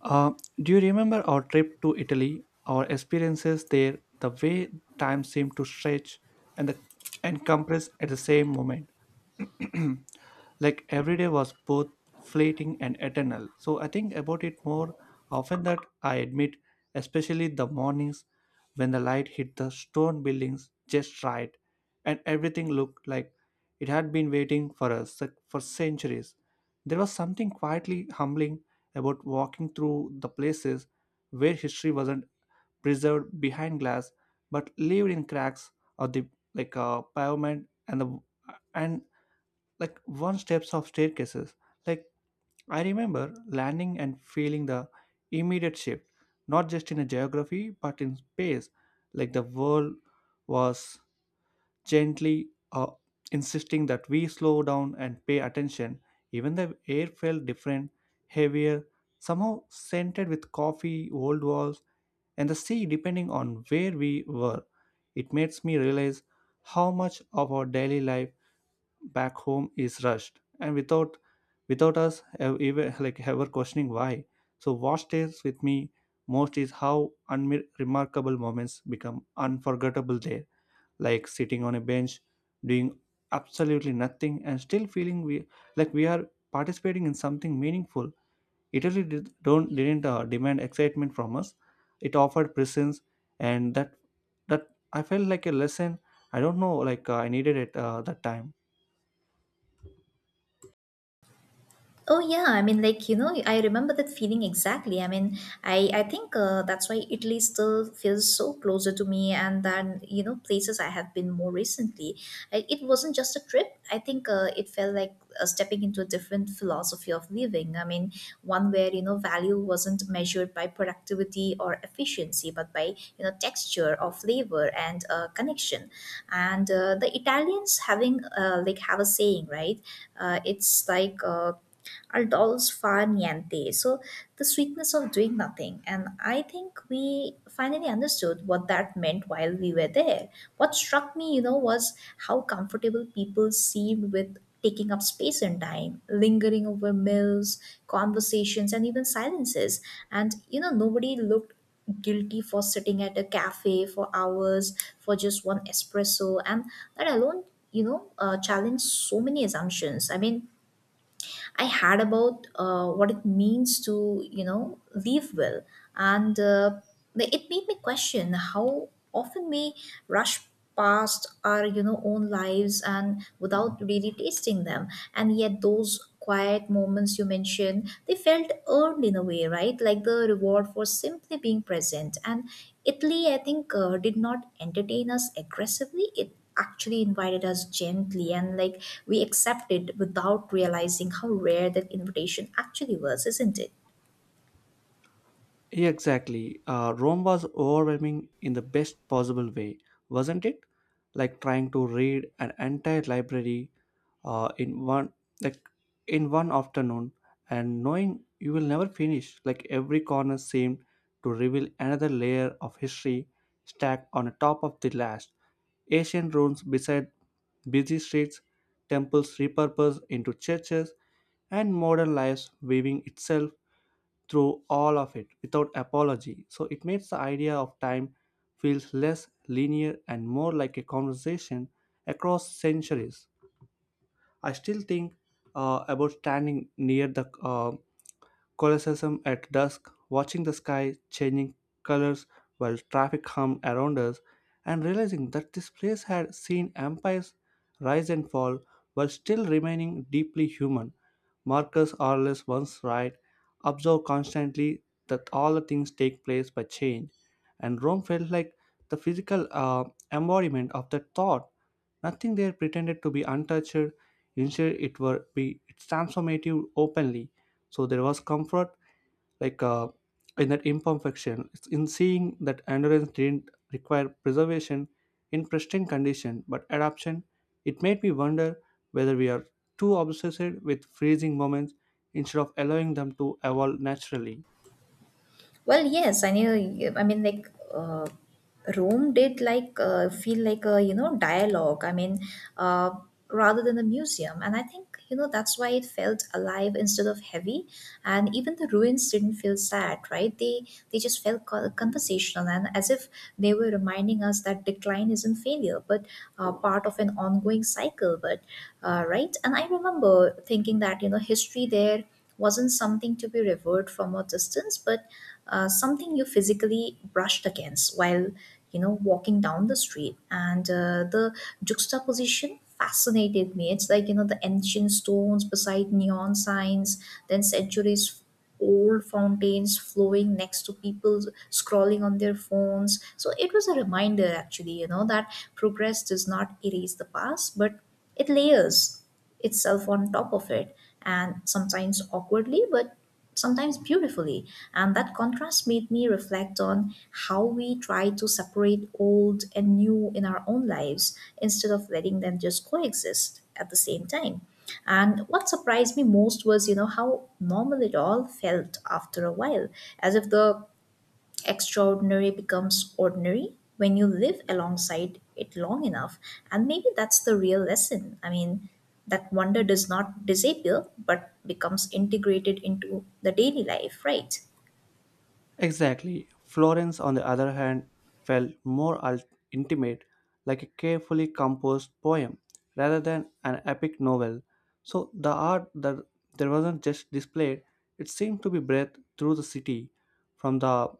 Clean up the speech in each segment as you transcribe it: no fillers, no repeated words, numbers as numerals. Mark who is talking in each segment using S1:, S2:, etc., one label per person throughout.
S1: Uh, do you remember our trip to Italy, our experiences there, the way time seemed to stretch and the and compress at the same moment? Like every day was both fleeting and eternal. So I think about it more often that I admit, especially the mornings when the light hit the stone buildings just right and everything looked like it had been waiting for us for centuries. There was something quietly humbling about walking through the places where history wasn't preserved behind glass but lived in cracks of the like pavement and the and like one steps of staircases like I remember landing and feeling the immediate shift not just in a geography but in space, like the world was gently, insisting that we slow down and pay attention. Even the air felt different, heavier, somehow scented with coffee, old walls, and the sea, depending on where we were. It makes me realize how much of our daily life back home is rushed and without us even like ever questioning why. So what stays with me most is how unremarkable moments become unforgettable there, like sitting on a bench doing absolutely nothing and still feeling we are participating in something meaningful. Italy didn't demand excitement from us, it offered presence, and that I felt like a lesson. I don't know, like I needed it that time.
S2: Oh yeah, I mean, I remember that feeling exactly. I mean, I think that's why Italy still feels so closer to me, and than places I have been more recently. It wasn't just a trip. I think it felt like stepping into a different philosophy of living. I mean, one where value wasn't measured by productivity or efficiency, but by texture or flavor and connection. And the Italians having like have a saying, right? It's like adults far niente. So the sweetness of doing nothing. And I think we finally understood what that meant while we were there. What struck me, you know, was how comfortable people seemed with taking up space and time, lingering over meals, conversations, and even silences. And, you know, nobody looked guilty for sitting at a cafe for hours for just one espresso and that alone challenged so many assumptions. I had about what it means to, you know, live well. And it made me question how often we rush past our, you know, own lives and without really tasting them. And yet those quiet moments you mentioned, they felt earned in a way, right? Like the reward for simply being present. And Italy, I think, did not entertain us aggressively. It actually invited us gently and like we accepted without realizing how rare that invitation actually was, isn't it?
S1: Yeah, exactly. Rome was overwhelming in the best possible way, wasn't it? Like trying to read an entire library uh, in one like in one afternoon, and knowing you will never finish. Like every corner seemed to reveal another layer of history stacked on top of the last. Ancient ruins beside busy streets, temples repurposed into churches, and modern life weaving itself through all of it without apology. So it makes the idea of time feels less linear and more like a conversation across centuries. I still think about standing near the Colosseum at dusk, watching the sky changing colors while traffic hummed around us, and realizing that this place had seen empires rise and fall while still remaining deeply human. Marcus Aurelius once wrote, "Observe constantly that all the things take place by change," and Rome felt like the physical embodiment of that thought. Nothing there pretended to be untouched; instead, it were be its transformative openly. So there was comfort, like, in that imperfection, it's in seeing that endurance didn't require preservation in pristine condition but adaptation. It made me wonder whether we are too obsessed with freezing moments instead of allowing them to evolve naturally.
S2: Well, yes, I knew. I mean, Rome did feel like a dialogue. Uh, rather than a museum, and I think that's why it felt alive instead of heavy. And even the ruins didn't feel sad, right? They just felt conversational, and as if they were reminding us that decline isn't failure, but part of an ongoing cycle. But right, and I remember thinking that history there wasn't something to be revered from a distance, but something you physically brushed against while walking down the street. And the juxtaposition fascinated me. It's like, you know, the ancient stones beside neon signs, then centuries old fountains flowing next to people scrolling on their phones. So it was a reminder, actually, you know, that progress does not erase the past, but it layers itself on top of it, and sometimes awkwardly, but sometimes beautifully. And that contrast made me reflect on how we try to separate old and new in our own lives instead of letting them just coexist at the same time. And what surprised me most was, you know, how normal it all felt after a while, as if the extraordinary becomes ordinary when you live alongside it long enough. And maybe that's the real lesson. I mean, that wonder does not disappear but becomes integrated into the daily life, right?
S1: Exactly. Florence, on the other hand, felt more intimate, like a carefully composed poem rather than an epic novel. So the art that there wasn't just displayed, it seemed to be breathed through the city, from the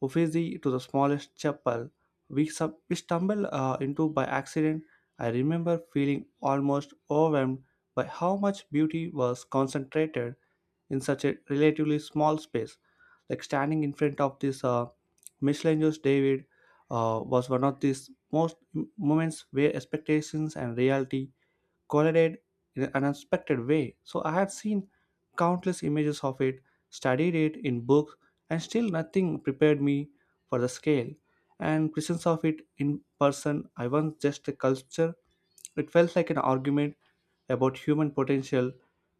S1: Uffizi to the smallest chapel we stumbled into by accident. I remember feeling almost overwhelmed by how much beauty was concentrated in such a relatively small space, like standing in front of this, Michelangelo's David was one of these moments where expectations and reality collided in an unexpected way. So I have seen countless images of it, studied it in books, and still nothing prepared me for the scale and presence of it in person. I once just a culture. It felt like an argument about human potential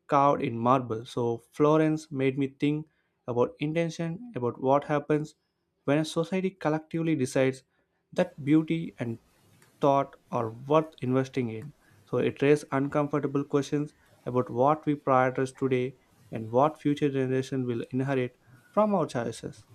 S1: carved in marble. So Florence made me think about intention, about what happens when a society collectively decides that beauty and thought are worth investing in. So it raises uncomfortable questions about what we prioritize today and what future generations will inherit from our choices.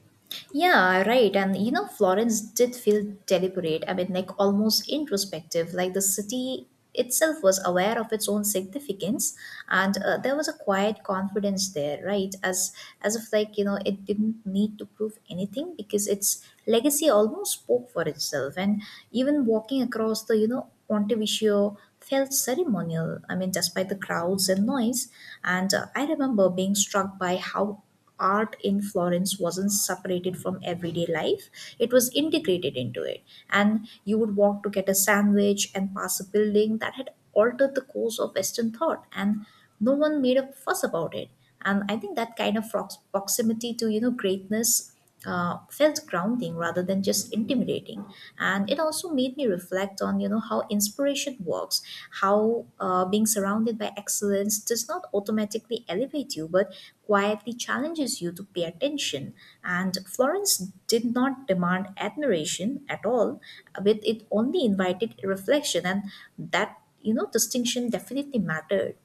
S2: Yeah, right. And you know, Florence did feel deliberate. I mean, like almost introspective, like the city itself was aware of its own significance, and there was a quiet confidence there, right? As if, like, you know, it didn't need to prove anything because its legacy almost spoke for itself. And even walking across the, you know, Pontevicio felt ceremonial, I mean, despite the crowds and noise. And uh, i remember being struck by how art in Florence wasn't separated from everyday life, it was integrated into it. And you would walk to get a sandwich and pass a building that had altered the course of Western thought, and no one made a fuss about it. And I think that kind of proximity to, you know, greatness felt grounding rather than just intimidating. And it also made me reflect on, you know, how inspiration works, how being surrounded by excellence does not automatically elevate you but quietly challenges you to pay attention. And Florence did not demand admiration at all, but it only invited reflection, and that, you know, distinction definitely mattered.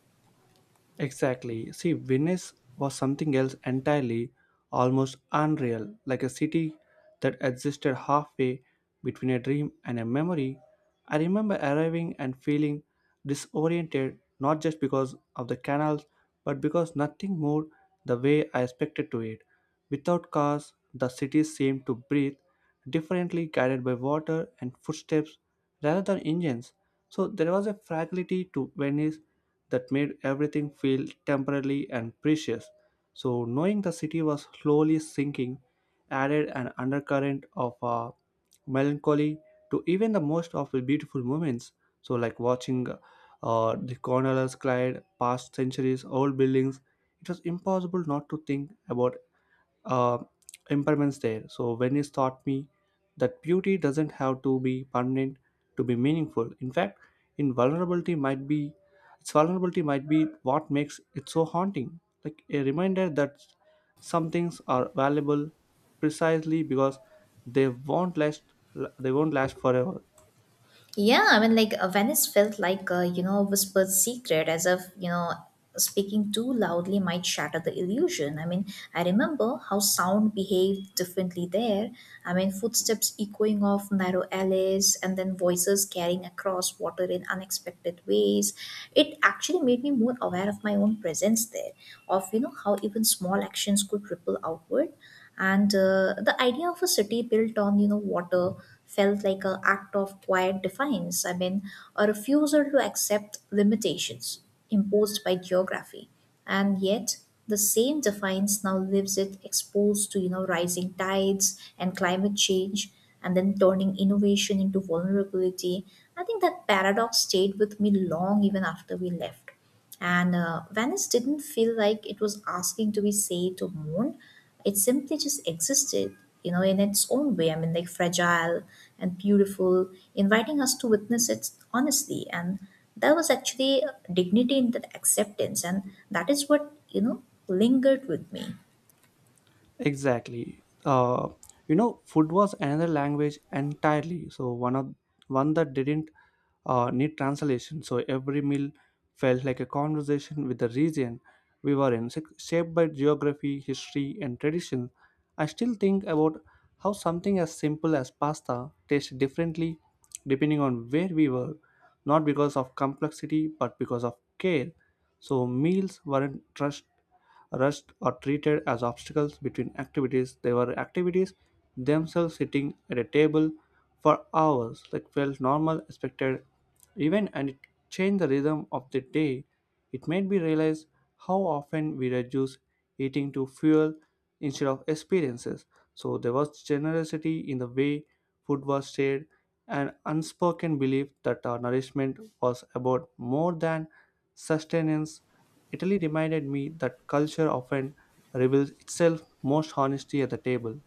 S1: Exactly. See, Venice was something else entirely, almost unreal, like a city that existed halfway between a dream and a memory. I remember arriving and feeling disoriented, not just because of the canals, but because nothing moved the way I expected to it. Without cars, the city seemed to breathe differently, guided by water and footsteps rather than engines. So there was a fragility to Venice that made everything feel temporary and precious. So, knowing the city was slowly sinking added an undercurrent of, melancholy to even the most of the beautiful moments. So, like watching, the gondolas glide past centuries old buildings, it was impossible not to think about, uh, impermanence there. So Venice taught me that beauty doesn't have to be permanent to be meaningful. In fact, in vulnerability might be its vulnerability might be what makes it so haunting. Like a reminder that some things are valuable precisely because they won't last they won't last forever.
S2: Yeah, I mean, Venice felt like a, you know, whispered secret, as if, you know, speaking too loudly might shatter the illusion. I mean, I remember how sound behaved differently there. I mean, footsteps echoing off narrow alleys, and then voices carrying across water in unexpected ways. It actually made me more aware of my own presence there, of, you know, how even small actions could ripple outward. And the idea of a city built on, you know, water felt like an act of quiet defiance, I mean, a refusal to accept limitations imposed by geography. And yet, the same defiance now leaves it exposed to, you know, rising tides and climate change, and then turning innovation into vulnerability. I think that paradox stayed with me long even after we left. And Venice didn't feel like it was asking to be saved or mourned. It simply just existed, you know, in its own way. I mean, like fragile and beautiful, inviting us to witness it honestly. And there was actually dignity in that acceptance. And that is what, you know, lingered with me.
S1: Exactly. You know, food was another language entirely. So one that didn't need translation. So every meal felt like a conversation with the region we were in, shaped by geography, history, and tradition. I still think about how something as simple as pasta tastes differently depending on where we were, not because of complexity but because of care. So meals weren't rushed. Rusts are treated as obstacles between activities. They were activities themselves, sitting at a table for hours, like felt normal, expected event, and it changed the rhythm of the day. It made me realize how often we reduce eating to fuel instead of experiences. So there was generosity in the way food was shared, an unspoken belief that our nourishment was about more than sustenance. Italy reminded me that culture often reveals itself most honestly at the table.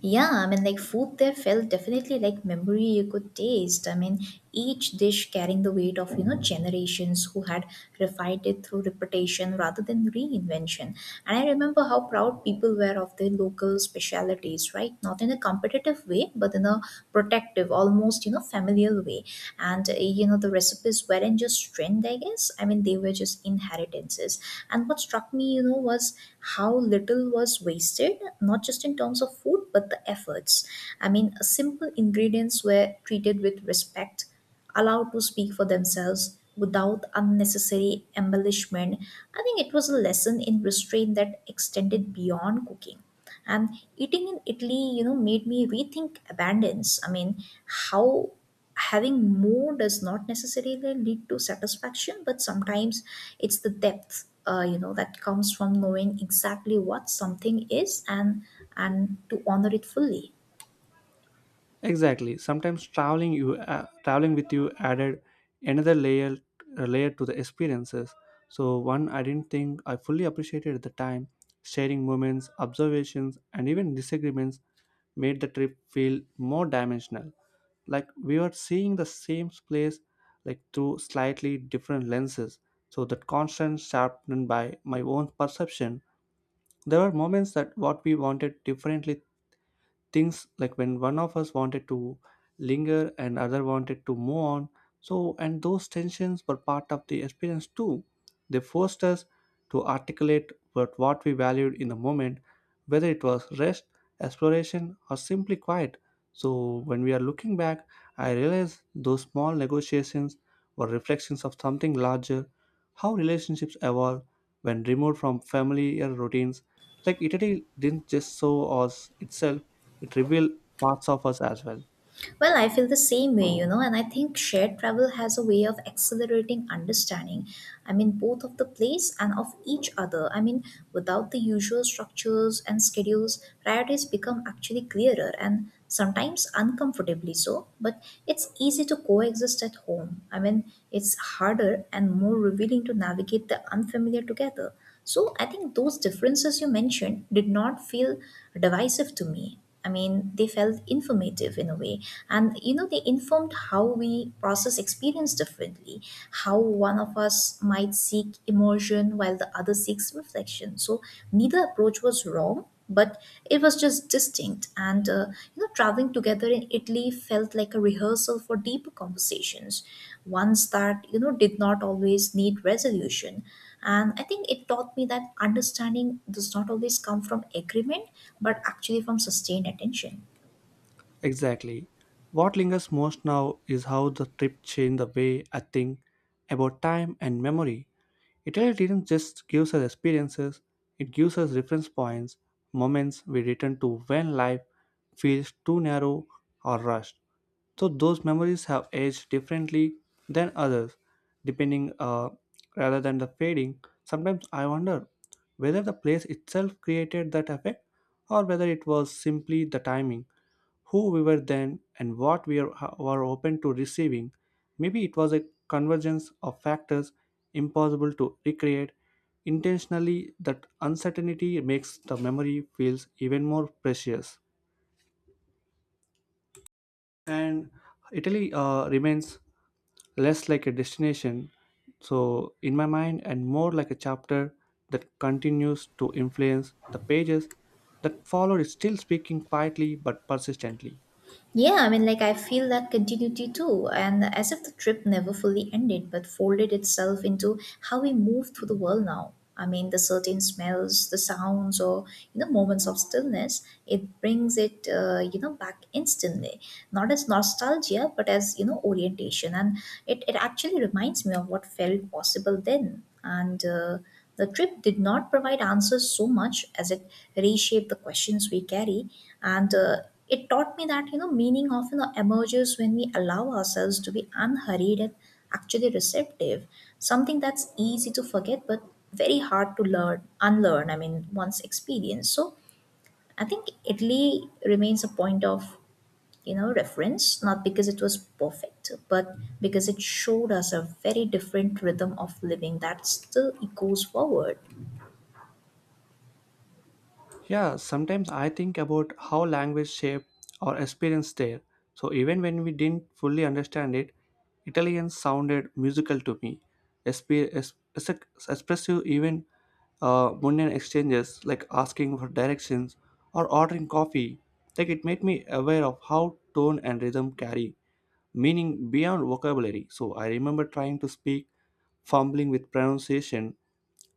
S2: Yeah, I mean, like food there felt definitely like memory you could taste. I mean, each dish carrying the weight of, you know, generations who had refined it through reputation rather than reinvention. And I remember how proud people were of their local specialities, right? Not in a competitive way, but in a protective, almost, you know, familial way. And, you know, the recipes weren't just strength, I guess. I mean, they were just inheritances. And what struck me, you know, was how little was wasted, not just in terms of food, but the efforts. I mean, simple ingredients were treated with respect, allowed to speak for themselves without unnecessary embellishment. I think it was a lesson in restraint that extended beyond cooking. And eating in Italy, you know, made me rethink abundance. I mean, how having more does not necessarily lead to satisfaction, but sometimes it's the depth, you know, that comes from knowing exactly what something is, and to honor it fully.
S1: Exactly. Sometimes traveling with you added another layer to the experiences. So one I didn't think I fully appreciated at the time. Sharing moments, observations, and even disagreements made the trip feel more dimensional. Like we were seeing the same place like through slightly different lenses. So that constant sharpened by my own perception. There were moments that what we wanted differently, things like when one of us wanted to linger and other wanted to move on, so and those tensions were part of the experience too. They forced us to articulate what we valued in the moment, whether it was rest, exploration, or simply quiet. So when we are looking back, I realize those small negotiations were reflections of something larger, how relationships evolve when removed from familiar routines. Like Italy didn't just show us itself, it reveals parts of us as well.
S2: Well, I feel the same way, you know, and I think shared travel has a way of accelerating understanding. I mean, both of the place and of each other. I mean, without the usual structures and schedules, priorities become actually clearer and sometimes uncomfortably so, but it's easy to coexist at home. I mean, it's harder and more revealing to navigate the unfamiliar together. So I think those differences you mentioned did not feel divisive to me. I mean, they felt informative in a way. And, you know, they informed how we process experience differently, how one of us might seek immersion while the other seeks reflection. So neither approach was wrong, but it was just distinct. You know, traveling together in Italy felt like a rehearsal for deeper conversations, ones that, you know, did not always need resolution. And I think it taught me that understanding does not always come from agreement, but actually from sustained attention.
S1: Exactly. What lingers most now is how the trip changed the way I think about time and memory. Italy didn't just give us experiences, it gives us reference points, moments we return to when life feels too narrow or rushed. So those memories have aged differently than others, depending, rather than the fading. Sometimes I wonder whether the place itself created that effect or whether it was simply the timing, who we were then and what we are, were open to receiving. Maybe it was a convergence of factors impossible to recreate intentionally. That uncertainty makes the memory feels even more precious. And Italy, remains less like a destination, so in my mind, and more like a chapter that continues to influence the pages that followed, still speaking quietly but persistently.
S2: Yeah, I mean, like I feel that continuity too, and as if the trip never fully ended but folded itself into how we move through the world now. I mean, the certain smells, the sounds, or you know, moments of stillness, it brings it, you know, back instantly. Not as nostalgia, but as, you know, orientation, and it actually reminds me of what felt possible then. And The trip did not provide answers so much as it reshaped the questions we carry, and it taught me that, you know, meaning often emerges when we allow ourselves to be unhurried and actually receptive. Something that's easy to forget, but very hard to unlearn. I mean, once experienced. So I think Italy remains a point of, you know, reference, not because it was perfect, but because it showed us a very different rhythm of living that still echoes forward.
S1: Yeah, sometimes I think about how language shape our experience there. So even when we didn't fully understand it, Italian sounded musical to me. Expressive even mundane exchanges like asking for directions or ordering coffee. Like it made me aware of how tone and rhythm carry meaning beyond vocabulary. So I remember trying to speak, fumbling with pronunciation,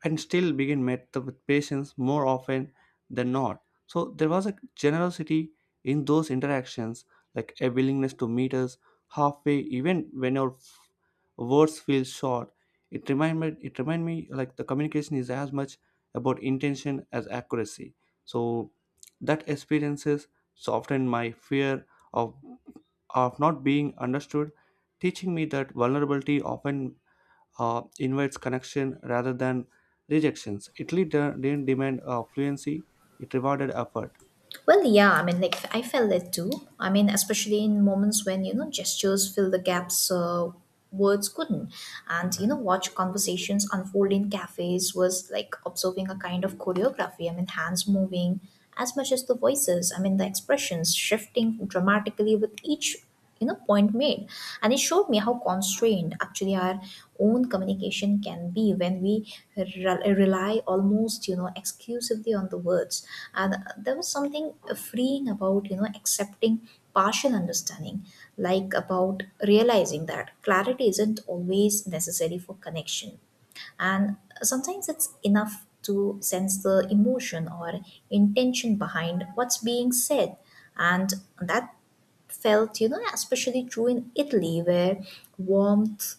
S1: and still begin met with patients more often than not. So there was a generosity in those interactions, like a willingness to meet us halfway, even when our words feel short. It remind me like the communication is as much about intention as accuracy. So that experiences softened my fear of of not being understood, teaching me that vulnerability often invites connection rather than rejections. Italy didn't demand fluency, it rewarded effort.
S2: Well, yeah, I mean, like I felt it too. I mean, especially in moments when, you know, gestures fill the gaps words couldn't, and you know, watch conversations unfold in cafes was like observing a kind of choreography. I mean, hands moving as much as the voices. I mean, the expressions shifting dramatically with each, you know, point made. And it showed me how constrained actually our own communication can be when we rely almost, you know, exclusively on the words. And there was something freeing about, you know, accepting partial understanding, like about realizing that clarity isn't always necessary for connection. And sometimes it's enough to sense the emotion or intention behind what's being said. And that felt, you know, especially true in Italy, where warmth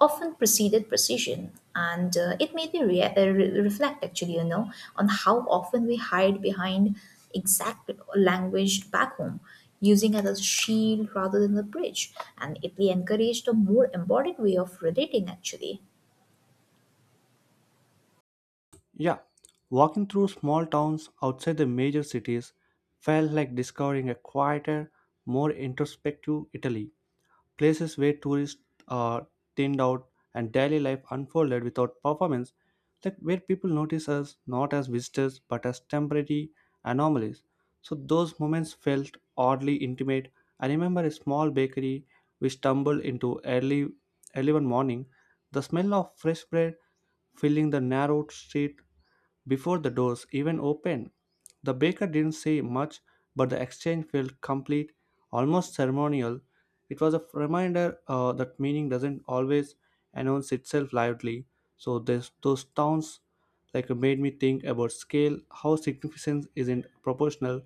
S2: often preceded precision. And it made me reflect, actually, you know, on how often we hide behind exact language back home, using it as a shield rather than a bridge. And Italy encouraged a more embodied way of relating, actually.
S1: Yeah, walking through small towns outside the major cities felt like discovering a quieter, more introspective Italy. Places where tourists are thinned out and daily life unfolded without performance, like where people notice us not as visitors but as temporary anomalies. So those moments felt oddly intimate. I remember a small bakery we stumbled into early one morning. The smell of fresh bread filling the narrow street before the doors even opened. The baker didn't say much, but the exchange felt complete, almost ceremonial. It was a reminder that meaning doesn't always announce itself loudly. So those towns like made me think about scale, how significance isn't proportional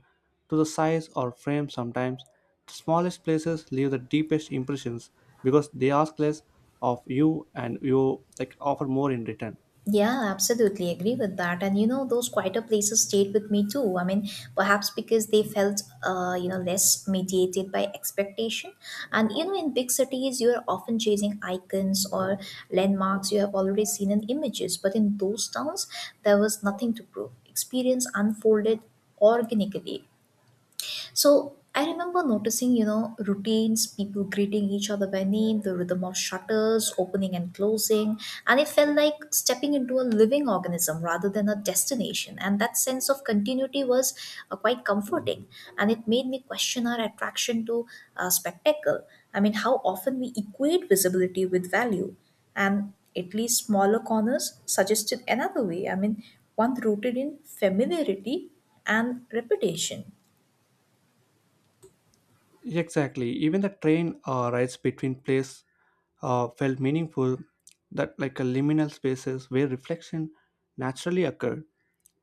S1: to the size or frame sometimes. The smallest places leave the deepest impressions because they ask less of you and you like offer more in return.
S2: Yeah, absolutely agree with that. And you know, those quieter places stayed with me too. I mean, perhaps because they felt, you know, less mediated by expectation. And you know, in big cities, you are often chasing icons or landmarks you have already seen in images. But in those towns, there was nothing to prove. Experience unfolded organically, so I remember noticing, you know, routines, people greeting each other by name, the rhythm of shutters, opening and closing, and it felt like stepping into a living organism rather than a destination. And that sense of continuity was quite comforting, and it made me question our attraction to spectacle. I mean, how often we equate visibility with value, and at least smaller corners suggested another way. I mean, one rooted in familiarity and reputation.
S1: Exactly. Even the train rides between place felt meaningful, that like a liminal spaces where reflection naturally occurred.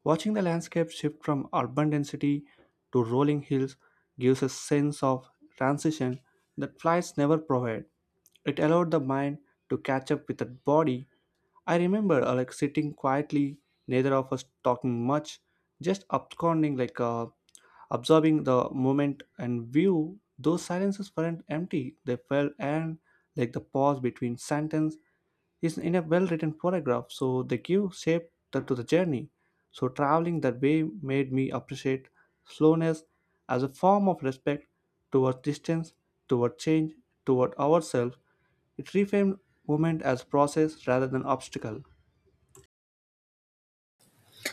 S1: Watching the landscape shift from urban density to rolling hills gives a sense of transition that flights never provide. It allowed the mind to catch up with the body. I remember like sitting quietly, neither of us talking much, just absconding like absorbing the moment and view. Those silences weren't empty; they felt and like the pause between sentence is in a well written paragraph, so they give shape to the journey. So traveling that way made me appreciate slowness as a form of respect toward distance, toward change, toward ourselves. It reframed movement as process rather than obstacle.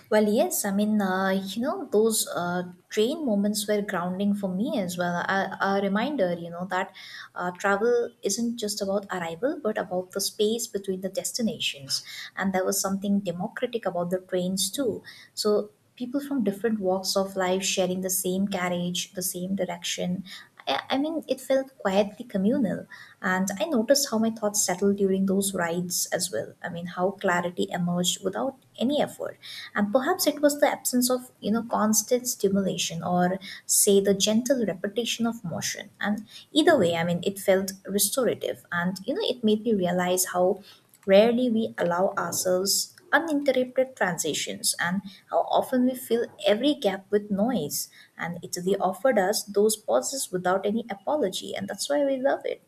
S2: Well, yes, I mean, you know, those train moments were grounding for me as well. A reminder, you know, that travel isn't just about arrival, but about the space between the destinations. And there was something democratic about the trains too. So people from different walks of life sharing the same carriage, the same direction. I mean, it felt quietly communal, and I noticed how my thoughts settled during those rides as well. I mean, how clarity emerged without any effort, and perhaps it was the absence of you know constant stimulation or say the gentle repetition of motion. And either way, I mean, it felt restorative, and you know, it made me realize how rarely we allow ourselves uninterrupted transitions, and how often we fill every gap with noise. And Italy offered us those pauses without any apology, and that's why we love it.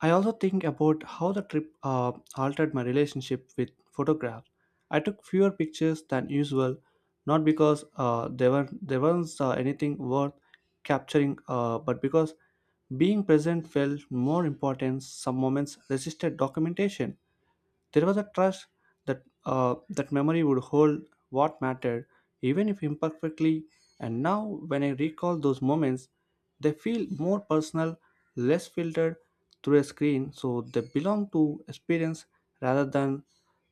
S1: I also think about how the trip altered my relationship with photograph. I took fewer pictures than usual, not because there were there wasn't anything worth capturing, but because being present felt more important. Some moments resisted documentation, there was a trust that memory would hold what mattered, even if imperfectly. And now, when I recall those moments, they feel more personal, less filtered through a screen, so they belong to experience rather than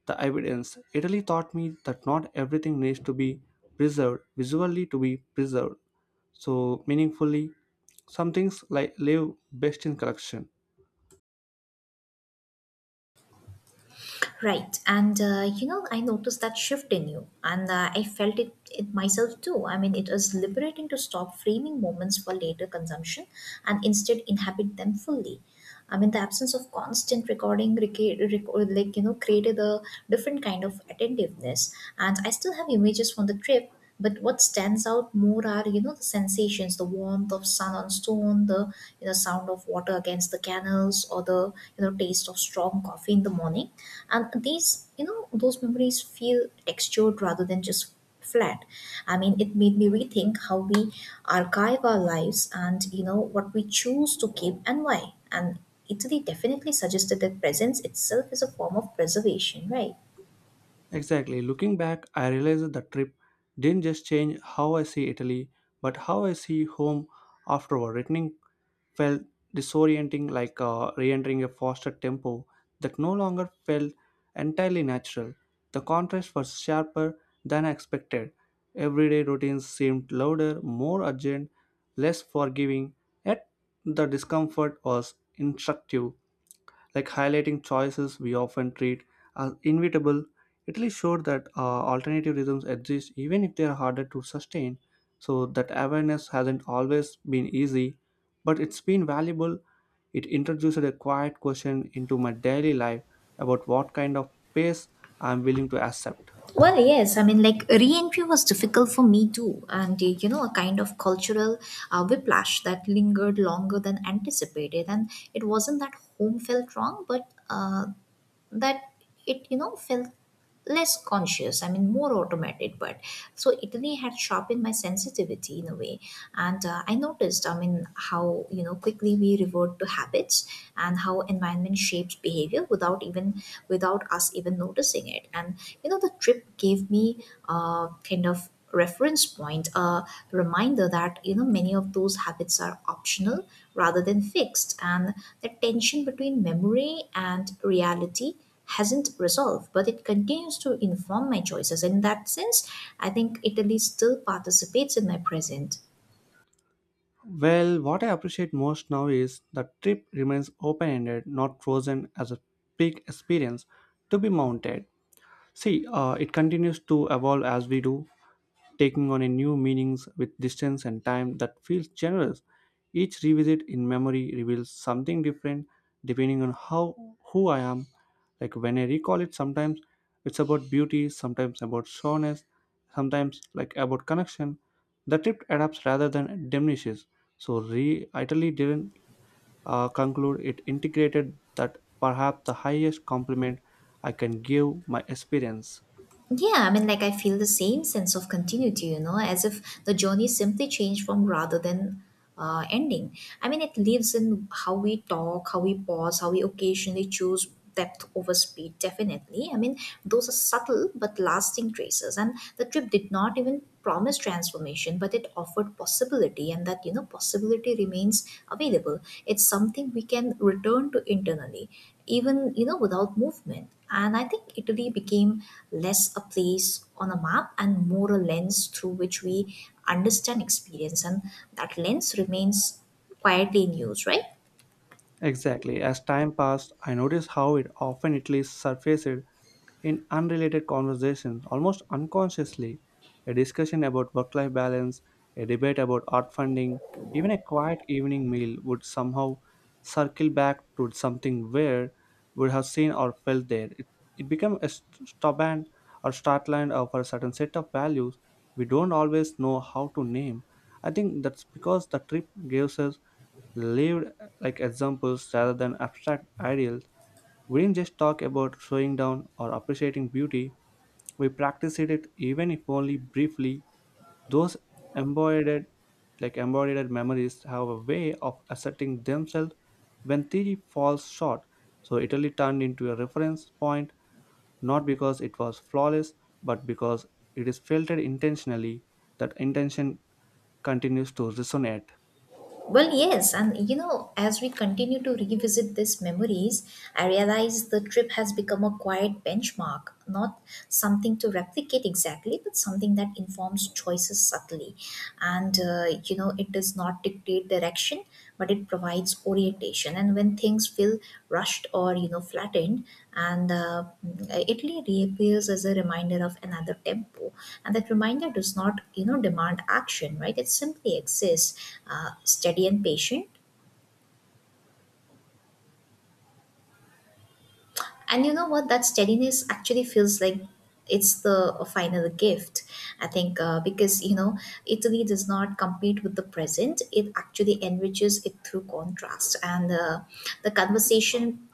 S1: the evidence. Italy taught me that not everything needs to be preserved visually to be preserved so meaningfully. Some things like live best in collection.
S2: Right. And, you know, I noticed that shift in you, and I felt it myself too. I mean, it is liberating to stop framing moments for later consumption and instead inhabit them fully. I mean, the absence of constant recording, like, you know, created a different kind of attentiveness. And I still have images from the trip, but what stands out more are you know the sensations, the warmth of sun on stone, the you know sound of water against the canals, or the you know taste of strong coffee in the morning, and these you know those memories feel textured rather than just flat. I mean, it made me rethink how we archive our lives, and you know what we choose to keep and why. And Italy definitely suggested that presence itself is a form of preservation, right?
S1: Exactly. Looking back, I realized that the trip didn't just change how I see Italy, but how I see home afterward. Returning felt disorienting, like re entering a faster tempo that no longer felt entirely natural. The contrast was sharper than I expected. Everyday routines seemed louder, more urgent, less forgiving, yet the discomfort was instructive like highlighting choices we often treat as inevitable. It really showed that alternative rhythms exist even if they are harder to sustain. So that awareness hasn't always been easy, but it's been valuable. It introduced a quiet question into my daily life about what kind of pace I'm willing to accept.
S2: Well, yes. I mean, like re-entry was difficult for me too, and you know, a kind of cultural whiplash that lingered longer than anticipated. And it wasn't that home felt wrong, but that it you know felt less conscious. I mean more automated, but so Italy had sharpened my sensitivity in a way, and I noticed, I mean how you know quickly we revert to habits, and how environment shapes behavior without even without us even noticing it. And you know the trip gave me kind of reference point, a reminder that you know many of those habits are optional rather than fixed. And the tension between memory and reality hasn't resolved, but it continues to inform my choices. And in that sense, I think Italy still participates in my present.
S1: Well, what I appreciate most now is the trip remains open ended, not frozen as a peak experience to be mounted. See, it continues to evolve as we do, taking on a new meanings with distance and time that feels generous. Each revisit in memory reveals something different depending on how who I am. Like when I recall it, sometimes it's about beauty, sometimes about soreness, sometimes like about connection. The trip adapts rather than diminishes. So re Italy didn't conclude it integrated that perhaps the highest compliment I can give my experience.
S2: Yeah, I mean, like I feel the same sense of continuity, you know, as if the journey simply changed from rather than ending. I mean, it lives in how we talk, how we pause, how we occasionally choose depth over speed, definitely. I mean, those are subtle but lasting traces. And the trip did not even promise transformation, but it offered possibility, and that, you know, possibility remains available. It's something we can return to internally even you know without movement. And I think Italy became less a place on a map and more a lens through which we understand experience, and that lens remains quietly in use, right?
S1: Exactly. As time passed, I noticed how it often at least surfaced in unrelated conversations, almost unconsciously. A discussion about work life balance, a debate about art funding, even a quiet evening meal would somehow circle back to something where would have seen or felt there. It became a stubborn or startline of a certain set of values we don't always know how to name. I think that's because the trip gives us lived like examples rather than abstract ideals. We didn't just talk about slowing down or appreciating beauty, we practiced it even if only briefly. Those embodied like embodied memories have a way of asserting themselves when theory falls short. So Italy turned into a reference point not because it was flawless, but because it is filtered intentionally. That intention continues to resonate.
S2: Well, yes, and you know as we continue to revisit these memories, I realize the trip has become a quiet benchmark, not something to replicate exactly but something that informs choices subtly. And you know it does not dictate direction but it provides orientation, and when things feel rushed or you know flattened, and Italy reappears as a reminder of another tempo. And that reminder does not you know demand action, right? It simply exists, steady and patient. And you know what that steadiness actually feels like, it's the final gift, I think, because you know Italy does not compete with the present, it actually enriches it through contrast. And the conversation,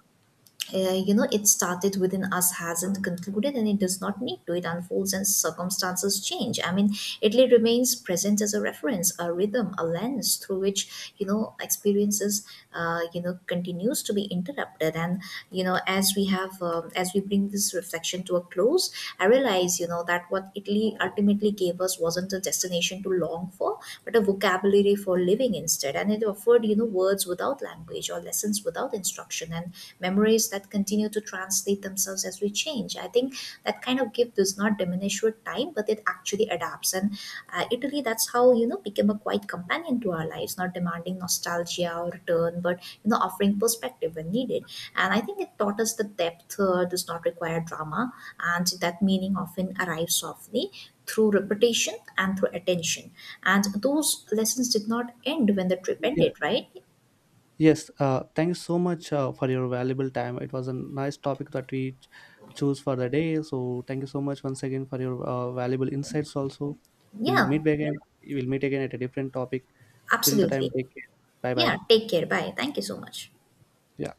S2: you know it started within us hasn't concluded, and it does not need to. It unfolds and circumstances change. I mean Italy remains present as a reference, a rhythm, a lens through which you know experiences you know continues to be interrupted. And you know as we have as we bring this reflection to a close, I realize you know that what Italy ultimately gave us wasn't a destination to long for, but a vocabulary for living instead. And it offered you know words without language or lessons without instruction, and memories that continue to translate themselves as we change. I think that kind of gift does not diminish with time but it actually adapts. And Italy, that's how you know became a quiet companion to our lives, not demanding nostalgia or return but you know offering perspective when needed. And I think it taught us that depth does not require drama, and that meaning often arrives softly through repetition and through attention. And those lessons did not end when the trip
S1: Yes,
S2: ended, right?
S1: Yes, thanks so much for your valuable time. It was a nice topic that we choose for the day. So thank you so much once again for your valuable insights. Also, we'll
S2: Yeah,
S1: meet again. We'll meet again at a different topic. Till the time,
S2: absolutely.
S1: take care. Bye
S2: Yeah,
S1: bye.
S2: take care. Bye. Thank you so much.
S1: Yeah.